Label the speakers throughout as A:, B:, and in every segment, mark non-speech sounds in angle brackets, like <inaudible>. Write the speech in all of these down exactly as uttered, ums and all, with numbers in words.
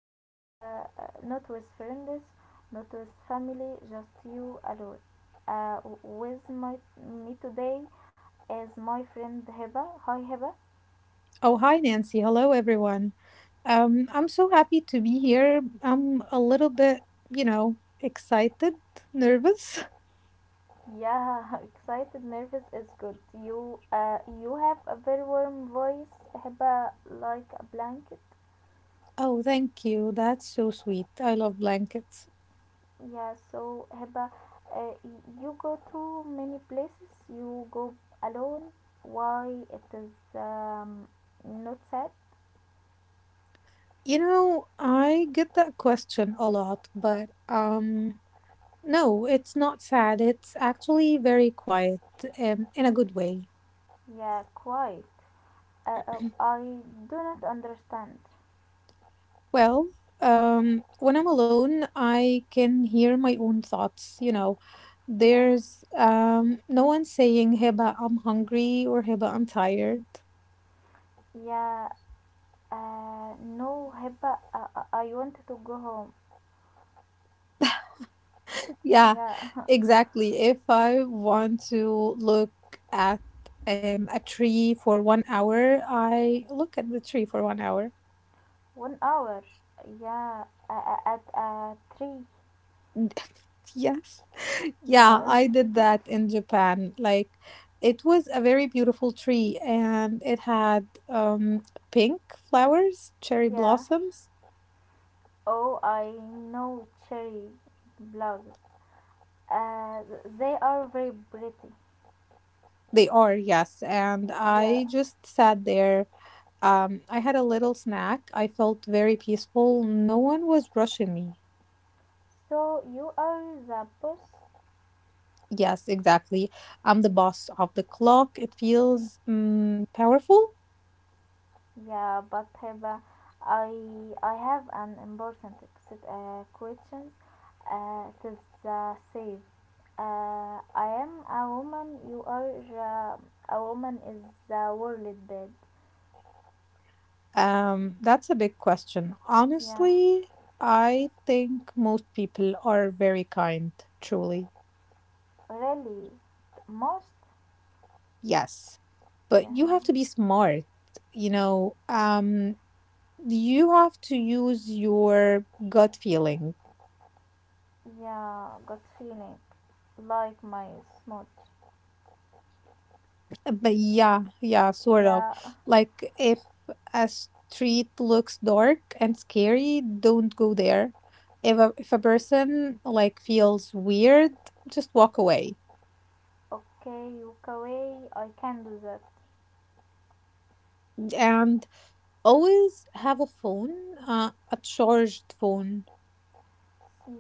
A: but uh, not with friends, not with family, just you alone. Uh, with my Me today is my friend Heba. Hi Heba.
B: Oh, hi, Nancy. Hello, everyone. Um, I'm so happy to be here. I'm a little bit, you know, excited, nervous. <laughs>
A: Yeah, <laughs> excited, nervous is good. You uh, you have a very warm voice, Heba, like a blanket.
B: Oh, thank you. That's so sweet. I love blankets.
A: Yeah, so Hiba, uh, you go to many places. You go alone. Why it is um, not sad?
B: You know, I get that question a lot, but um, no, it's not sad. It's actually very quiet, um, in a good way.
A: Yeah, quite. Uh, uh, I do not understand.
B: Well, um, when I'm alone, I can hear my own thoughts. You know,
A: Yeah,
B: there's um, no one saying, "Heba, I'm hungry or "Heba, I'm tired.
A: yeah. Uh, no, Hiba, uh, uh, I want to go home.
B: <laughs> Yeah,
A: Yeah,
B: exactly. If I want to look at um, a tree for one hour, I look at the tree for one hour.
A: <laughs> one hour. Yeah, uh, uh, at uh, three.
B: Yes. Yeah,
A: Yes.
B: I did that
A: <laughs>
B: in Japan. Like, it was a very beautiful tree and it had um pink flowers, cherry
A: yeah.
B: blossoms.
A: Oh, I know cherry blog. Uh, they are very pretty.
B: They are, yes. And
A: Yeah.
B: I just sat there. Um, I had a little snack. I felt very peaceful. No one was rushing me.
A: So you are the boss.
B: Yes, exactly. I'm the boss of the clock. It feels mm, powerful.
A: Yeah, but have a, I I have an important uh, question. Uh, it is the save. Uh, I am a woman. You are uh, a woman. Is the world bad?
B: Um, that's a big question.
A: Yeah.
B: Honestly, I think most people are very kind, truly.
A: Really, most.
B: Yes. But
A: Yeah.
B: you have to be smart, you know, um, you have to use your gut feeling.
A: Yeah. Got feeling like my smooth.
B: uh, But yeah, yeah, sort of.
A: Yeah.
B: Like if a street looks dark and scary, don't go there. If a, if a person like feels weird, just walk away.
A: Okay, Yokaway, I can do that.
B: And. Always have a phone, uh, a charged phone.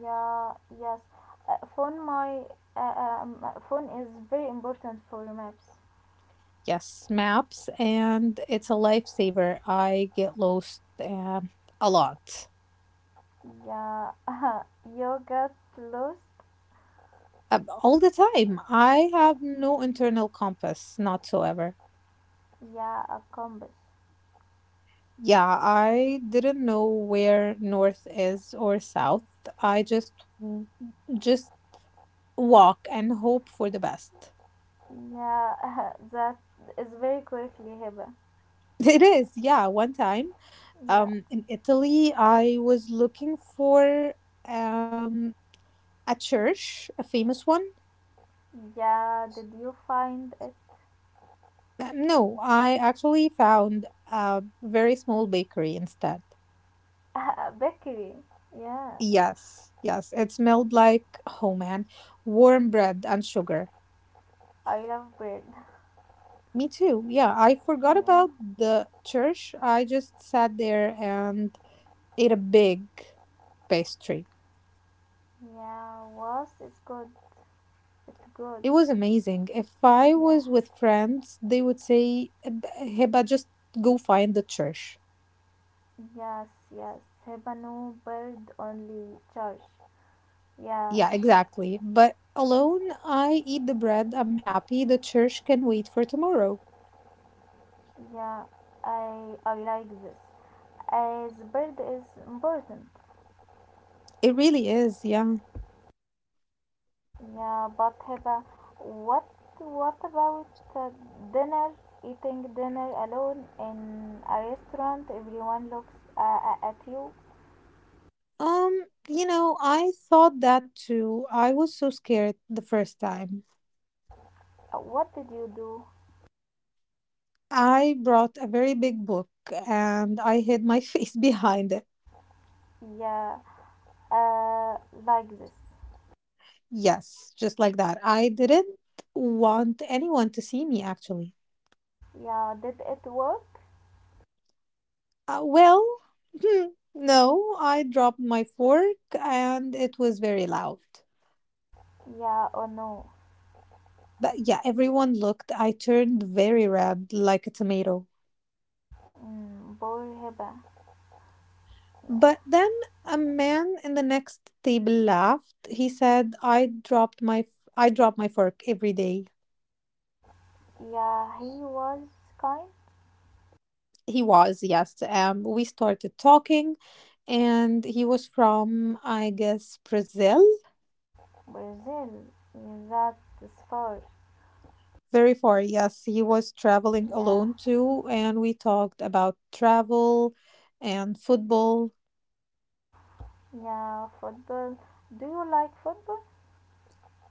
A: Yeah, yes. Uh, phone my uh, um, uh, phone is very important for maps.
B: Yes, maps, and it's a lifesaver. I get lost um, a lot,
A: Yeah, <laughs> you got lost.
B: um, all the time. I have no internal compass, whatsoever.
A: Yeah, a compass.
B: Yeah, I didn't know where north is or south. I just w- just walk and hope for the best.
A: Yeah, <laughs> that is very quickly Hiba.
B: <laughs> It is, yeah. One time,
A: Yeah,
B: um, in Italy, I was looking for um a church? A famous one?
A: yeah. Did you find it?
B: Uh, No, I actually found a very small bakery instead.
A: <laughs> Bakery. Yeah,
B: Yes, yes, it smelled like, oh man, warm bread and sugar.
A: I love bread. <laughs>
B: Me too. Yeah, I forgot
A: Yeah,
B: about the church. I just sat there and ate a big pastry.
A: yeah. Was it's good. It's good.
B: It was amazing. If I
A: Yeah.
B: was with friends, they would say, "Heba, just go find the church.
A: Yes, yes, Hebano bird only church. Yeah,
B: Yeah, exactly. But alone, I eat the bread. I'm happy. The church can wait for tomorrow.
A: yeah, I I like this. As bird is important.
B: It really is, yeah.
A: Yeah, but Heba, what what about uh, dinner? Eating dinner alone in a restaurant, everyone looks uh, uh, at you.
B: Um, you know, I thought that too. I was so scared the first time.
A: Uh, What did you do?
B: I brought a very big book and I hid my <laughs> face behind it.
A: Yeah, uh, like this.
B: Yes, just like that. I didn't want anyone to see me, actually.
A: Yeah, did it work?
B: Uh, well, <laughs> hmm, no, I dropped my fork and it was very loud.
A: Yeah or no?
B: But yeah, everyone looked. I turned very red, like a tomato.
A: Mm, poor Heba.
B: But then a man in the next table laughed. He said, "I dropped my I drop my fork every day."
A: Yeah, he was kind.
B: He was, yes. Um, we started talking, and he was from, I guess, Brazil.
A: Brazil, yeah, that's fair.
B: Very far, yes. He was traveling
A: Yeah,
B: alone too, and we talked about travel and football.
A: yeah, football. Do you like football?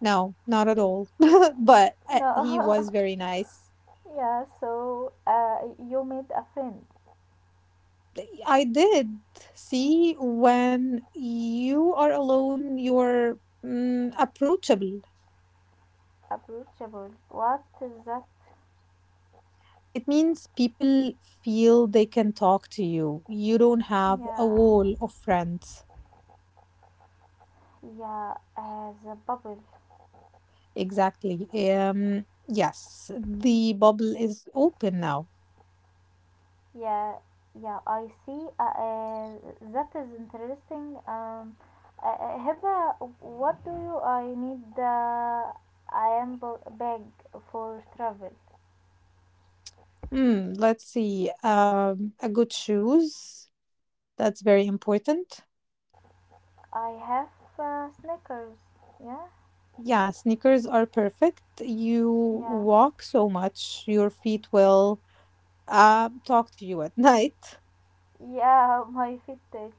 B: No, not at all. <laughs> but uh, he
A: No.
B: was very nice.
A: <laughs> yeah, so uh, you made a friend.
B: I did see when you are alone, you're mm, approachable.
A: Approachable. What is that?
B: It means people feel they can talk to you. You don't have a
A: Yeah,
B: wall of friends.
A: yeah, as a bubble.
B: Exactly. Um, yes, the bubble is open now.
A: Yeah, yeah, I see. Uh, uh, that is interesting. Um, uh, uh, Hiba, what do you? I need. The, I am b- bag for travel.
B: Hmm, let's see. Um, a good shoes. That's very important.
A: I have uh, sneakers. Yeah,
B: Yeah, sneakers are perfect. You
A: yeah,
B: walk so much, your feet will um, talk to you at night. <laughs>
A: yeah. <laughs> My Fitbit.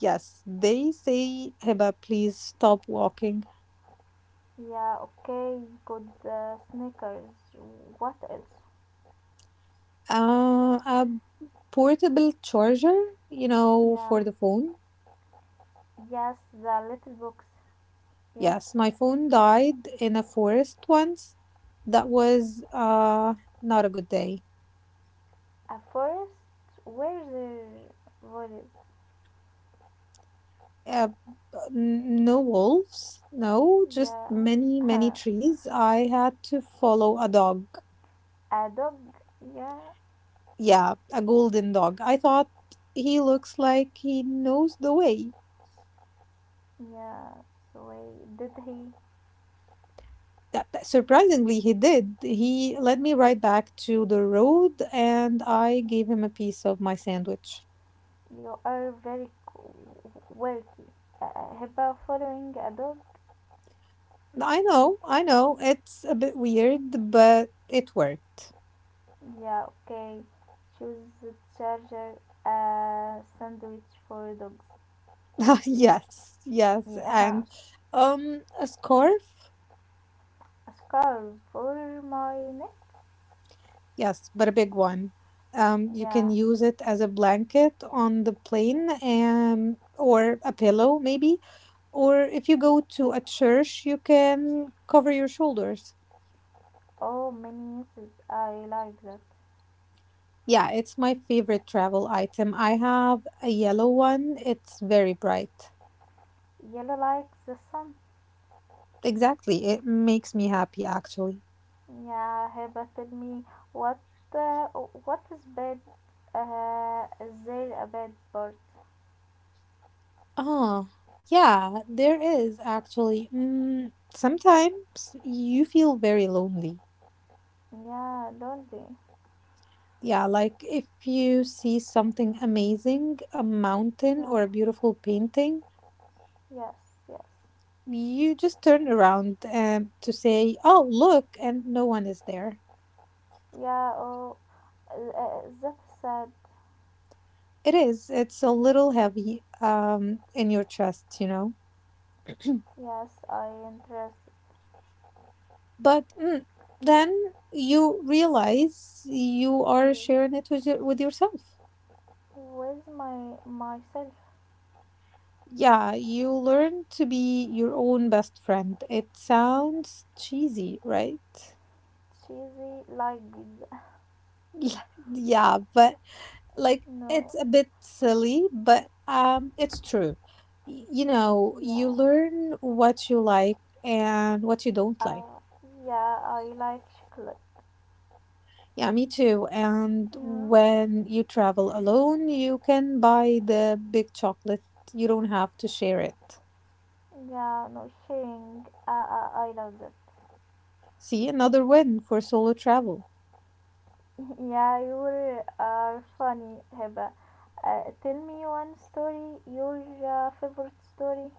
B: Yes, they say, Hiba, please stop walking.
A: Yeah, okay. Good uh, sneakers. What else?
B: Uh, a portable charger, you know,
A: Yeah,
B: for the phone.
A: yes, the little box. Yeah,
B: Yes, my phone died in a forest once. That was uh not a good day.
A: a forest. Where the What is?
B: Uh, n- no wolves, no, just
A: Yeah.
B: many, many
A: <laughs>
B: trees. I had to follow a dog.
A: A dog? Yeah,
B: Yeah, a golden dog. I thought he looks like he knows the way
A: yeah. So wait, did he?
B: that that surprisingly he did. He led me right back to the road and I gave him a piece of my sandwich.
A: You are very qu- quirky. Uh, about following a dog?
B: I know, I know, it's a bit weird, but it worked.
A: Yeah, okay. Choose the charger a sandwich for dogs.
B: <laughs> Yes, yes.
A: Yeah.
B: And um a scarf?
A: A scarf for my neck?
B: Yes, but a big one. Um you can
A: Yeah.
B: use it as a blanket on the plane and or a pillow maybe. Or if you go to a church, you can cover your shoulders.
A: Oh, many uses. I like that.
B: Yeah, it's my favorite travel item. I have a yellow one. It's very bright.
A: Yellow likes the sun.
B: Exactly. It makes me happy, actually.
A: Yeah, Hiba, tell me what uh, what is bad? Uh, is there a bad part?
B: Oh, yeah, there is actually. Mm, sometimes you feel very lonely.
A: Yeah, lonely.
B: Yeah, like if you see something amazing, a mountain
A: Yeah,
B: or a beautiful painting,
A: yes, yes.
B: you just turn around and to say, "Oh, look," and no one is there.
A: Yeah, oh, uh, that's sad.
B: It is. It's a little heavy um in your chest, you know.
A: Yes, I interest
B: But mm, then you realize you are sharing it with, your, with yourself.
A: with my myself.
B: Yeah, you learn to be your own best friend. It sounds cheesy, right?
A: Cheesy like pizza.
B: Yeah, <laughs> yeah, but like it's
A: <laughs> no.
B: a bit silly, but um, it's true. Y- You know, you
A: Yeah,
B: learn what you like and what you don't like.
A: uh, yeah, I like chocolate.
B: Yeah, me too. And
A: Yeah,
B: when you travel alone, you can buy the big chocolate. You don't have to share it.
A: yeah, no sharing. Uh, uh, I love that.
B: See, another win for solo travel.
A: Yeah, you are funny, heba. Uh, tell me one story, your uh, favorite story.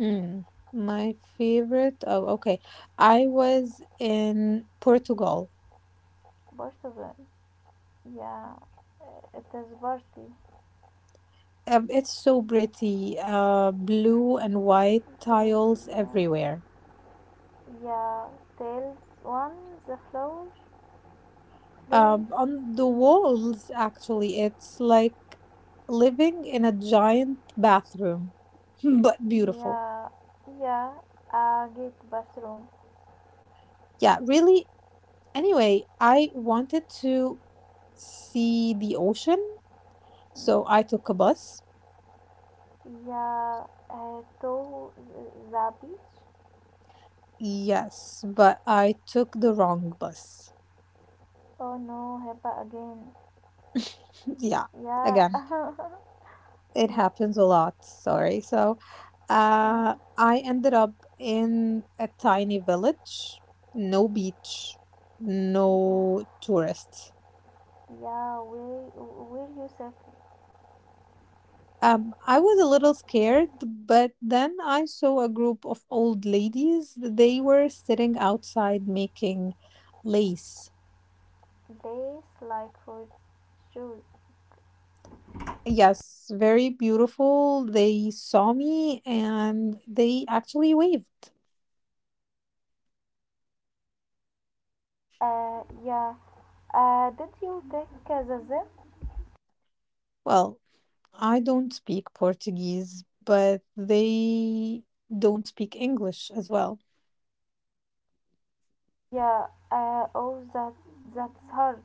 B: Mm, my favorite. Oh, okay. I was in Portugal.
A: Bartazan. Yeah, uh, it is Barty.
B: Um, it's so pretty. Uh, blue and white
A: Barty,
B: tiles
A: yeah.
B: everywhere.
A: Yeah, Tales one, the flower, flower.
B: Um, on the walls, actually, it's like living in a giant bathroom, <laughs> but beautiful.
A: Yeah, yeah, uh, gate bathroom.
B: Yeah, really. Anyway, I wanted to see the ocean, so I
A: Mm.
B: took a bus.
A: Yeah, uh, to the beach.
B: Yes, but I took the wrong bus.
A: Oh no, heba again.
B: <laughs> Yeah,
A: Yeah,
B: again,
A: <laughs>
B: it
A: yeah,
B: happens a lot. Sorry. So, uh,
A: yeah,
B: I ended up in a tiny village, no beach, no
A: yeah.
B: tourists.
A: Yeah, we we use a
B: Um, I was a little scared, but then I saw a group of old ladies. They were sitting outside making lace.
A: place like for shoes.
B: Yes, very beautiful. They saw me and they actually waved.
A: Uh, yeah. Uh, did you take uh, the zip?
B: Well, I don't speak Portuguese, but they don't speak English as well.
A: Yeah. Uh, oh, that that's hard.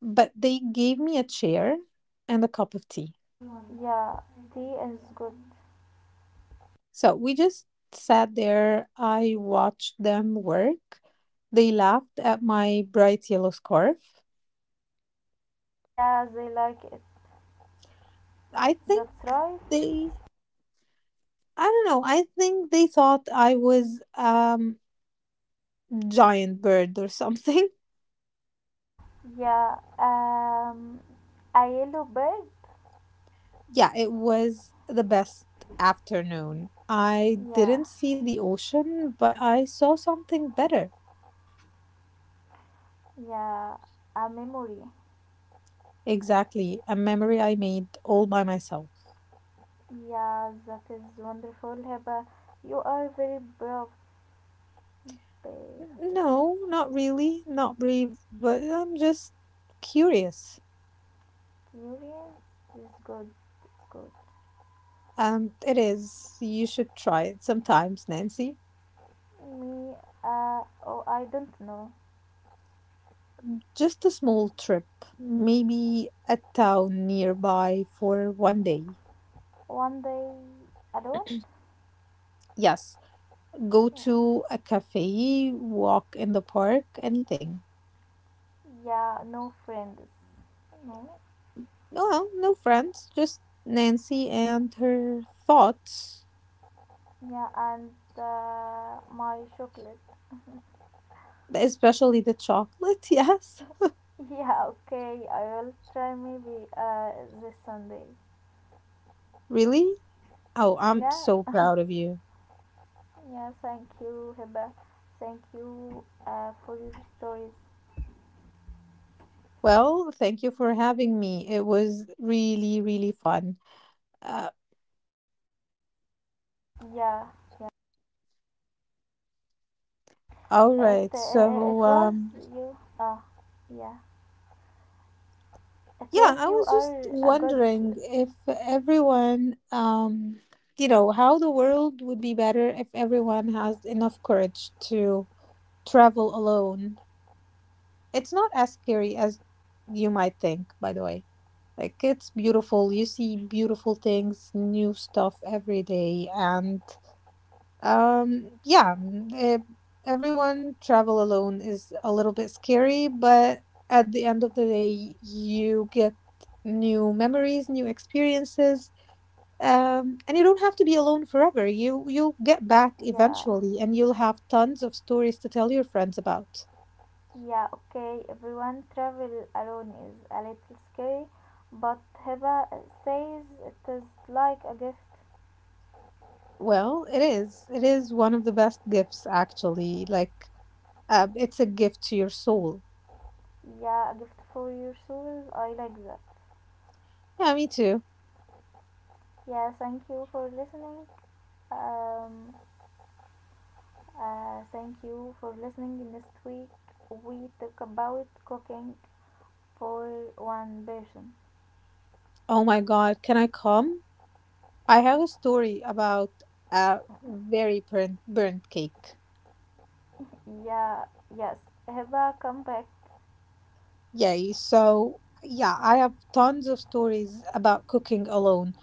B: But they gave me a chair and a cup of tea.
A: Yeah, tea is good.
B: So we just sat there. I watched them work. They laughed at my bright yellow scarf.
A: Yeah, they like it.
B: I think
A: That's right.
B: they, I don't know, I think they thought I was um giant bird or something. <laughs>
A: Yeah. Um, a yellow bird.
B: Yeah, it was the best afternoon. I
A: Yeah.
B: didn't see the ocean, but I saw something better.
A: Yeah. A memory.
B: Exactly, a memory I made all by myself.
A: Yeah, that is wonderful, Heba. You are very brave. Babe.
B: No, not really, not really, but I'm just curious.
A: Durian is good. It's good.
B: Um, it is. You should try it sometimes, Nancy.
A: Me, uh, oh, I don't know.
B: Just a small trip, maybe a town nearby for one day.
A: One day alone?
B: Yes, go
A: Yeah.
B: to a cafe, walk in the park, anything.
A: Yeah, no friends. No.
B: No, no friends, just Nancy and her thoughts,
A: Yeah, and uh, my chocolate. <laughs>
B: especially the chocolate. <laughs> Yes,
A: Yeah, okay. I will try maybe uh, this Sunday.
B: really? Oh, I'm
A: Yeah,
B: so proud of you.
A: yeah. Thank you, Heba. Thank you uh, for your stories.
B: Well, thank you for having me. It was really, really fun. Uh,
A: Yeah, yeah.
B: all
A: It
B: right.
A: uh,
B: So,
A: it was
B: um,
A: you. Ah, yeah. That
B: yeah,
A: was
B: I
A: you
B: was just
A: are a good
B: wondering if everyone, um, you know, how the world would be better if everyone has enough courage to travel alone. It's not as scary as you might think, by the way. Like, it's beautiful. You see beautiful things, new stuff every day, and Um, yeah, mm, eh, everyone travel alone is a little bit scary, but at the end of the day, you get new memories, new experiences, um, and you don't have to be alone forever. You you'll get back
A: yeah,
B: eventually, and you'll have tons of stories to tell your friends about.
A: yeah, okay, everyone travel alone is a little scary, but Hiba says it is like a gift,
B: Well, it is. It is one of the best gifts, actually. Like, Uh, it's a gift to your soul.
A: yeah, a gift for your soul, I like that,
B: Yeah, me too.
A: yeah, thank you for listening, um uh, thank you for listening next week we talk about cooking for one person.
B: Oh my God, can I come? I have a story about a very burnt, burnt cake.
A: <laughs> Yeah, yes, Hiba come back.
B: Yay. So, yeah, I have tons of stories about cooking alone.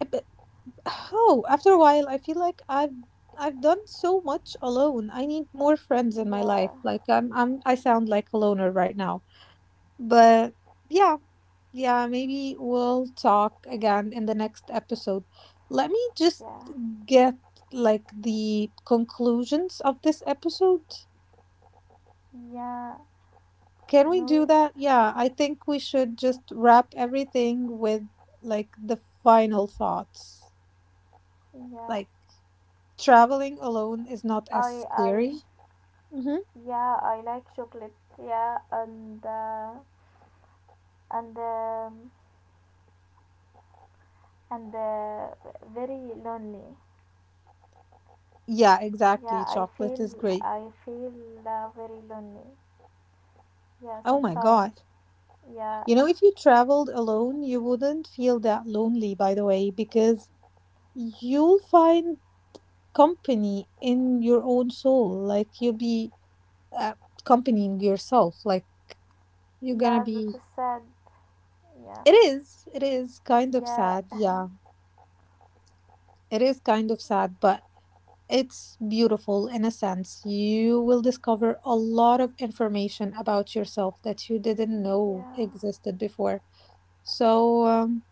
B: Uh, But, <sighs> oh, after a while, I feel like I've I've done so much alone. I need more friends in my
A: Yeah.
B: life. Like I'm I'm I sound like a loner right now. But yeah, yeah, maybe we'll talk again in the next episode. Let me just
A: Yeah.
B: get like the conclusions of this episode?
A: Yeah.
B: Can we do
A: No.
B: that? Yeah, I think we should just wrap everything with like the final thoughts.
A: Yeah.
B: Like traveling alone is not as
A: I. I.
B: scary. Hmm.
A: Yeah. I like chocolate. Yeah. And. Uh, and. Um, and uh, very lonely.
B: Yeah,
A: Yeah.
B: exactly.
A: I
B: Chocolate
A: feel.
B: is great.
A: I feel uh, very lonely. Yeah.
B: Oh my
A: Sometimes.
B: God.
A: Yeah.
B: You know,
A: <laughs>
B: if you traveled alone, you wouldn't feel that lonely, by the way, because you'll find company in your own soul. Like you'll be uh, accompanying yourself, like you're gonna
A: Yeah.
B: be.
A: That is sad.
B: it
A: Yeah.
B: is it is kind of
A: Yeah.
B: sad,
A: <laughs>
B: yeah, it is kind of sad, but it's beautiful in a sense. You will discover a lot of information about yourself that you didn't know
A: yeah.
B: existed before. So, um,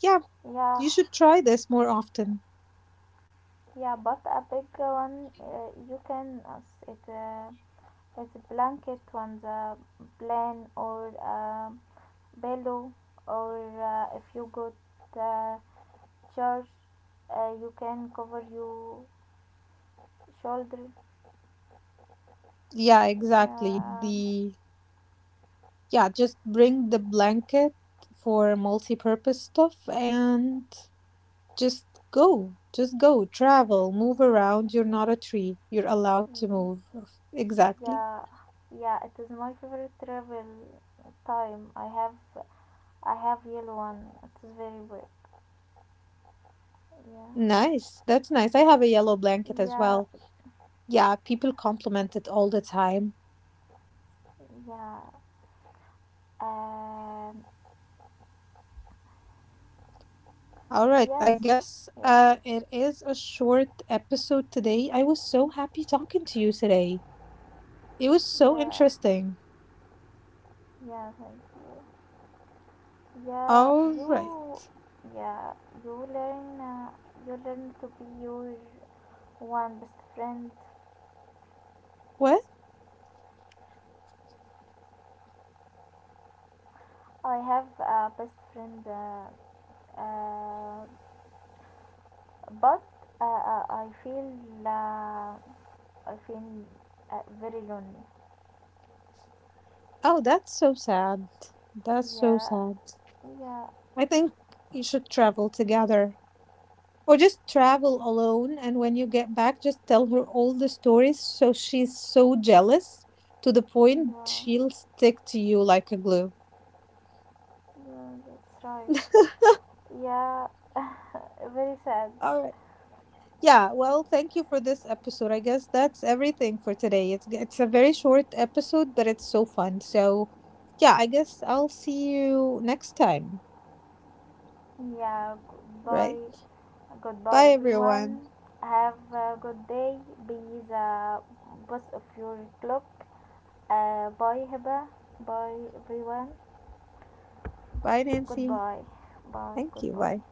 B: yeah,
A: Yeah.
B: you should try this more often.
A: Yeah. But a big one. Uh, you can. As it. Uh, As a blanket on the plane or a pillow or uh, if you go to the church uh, you can cover your shoulder,
B: Yeah, exactly
A: yeah,
B: the yeah, just bring the blanket for multi-purpose stuff, and just go. Just go. Travel. Move around. You're not a tree. You're allowed to move. Exactly.
A: yeah, yeah, it is my favorite travel time, i have I have yellow one, it is very big, yeah,
B: Nice. That's nice. I have a yellow blanket as
A: yeah,
B: well. Yeah, people compliment it all the time.
A: yeah, um,
B: All right, I
A: yes,
B: guess
A: yeah,
B: uh it is a short episode today. I was so happy talking to you today. It was so
A: yeah,
B: interesting.
A: yeah, thank you. Yeah,
B: All right.
A: you, yeah, you learn, uh, you learn to be your one best friend.
B: What?
A: I have a best friend, uh, uh, but uh, uh, I feel, uh, I feel uh, very lonely.
B: Oh, that's so sad. That's so
A: Yeah,
B: sad.
A: yeah,
B: I think you should travel together. Or just travel alone, and when you get back, just tell her all the stories so she's so jealous to the point
A: yeah,
B: she'll stick to you like a glue.
A: yeah, that's right. Yeah, <laughs> very sad.
B: All right. Yeah, well, thank you for this episode. I guess that's everything for today. It's it's a very short episode, but it's so fun. So, yeah, I guess I'll see you next time,
A: Yeah,
B: right?
A: goodbye, goodbye
B: Bye everyone.
A: everyone. Have a good day. Be the boss of your clock. Uh, bye, Heba. Bye, everyone.
B: Bye Nancy.
A: Goodbye. Bye,
B: Thank you.
A: goodbye.
B: Bye.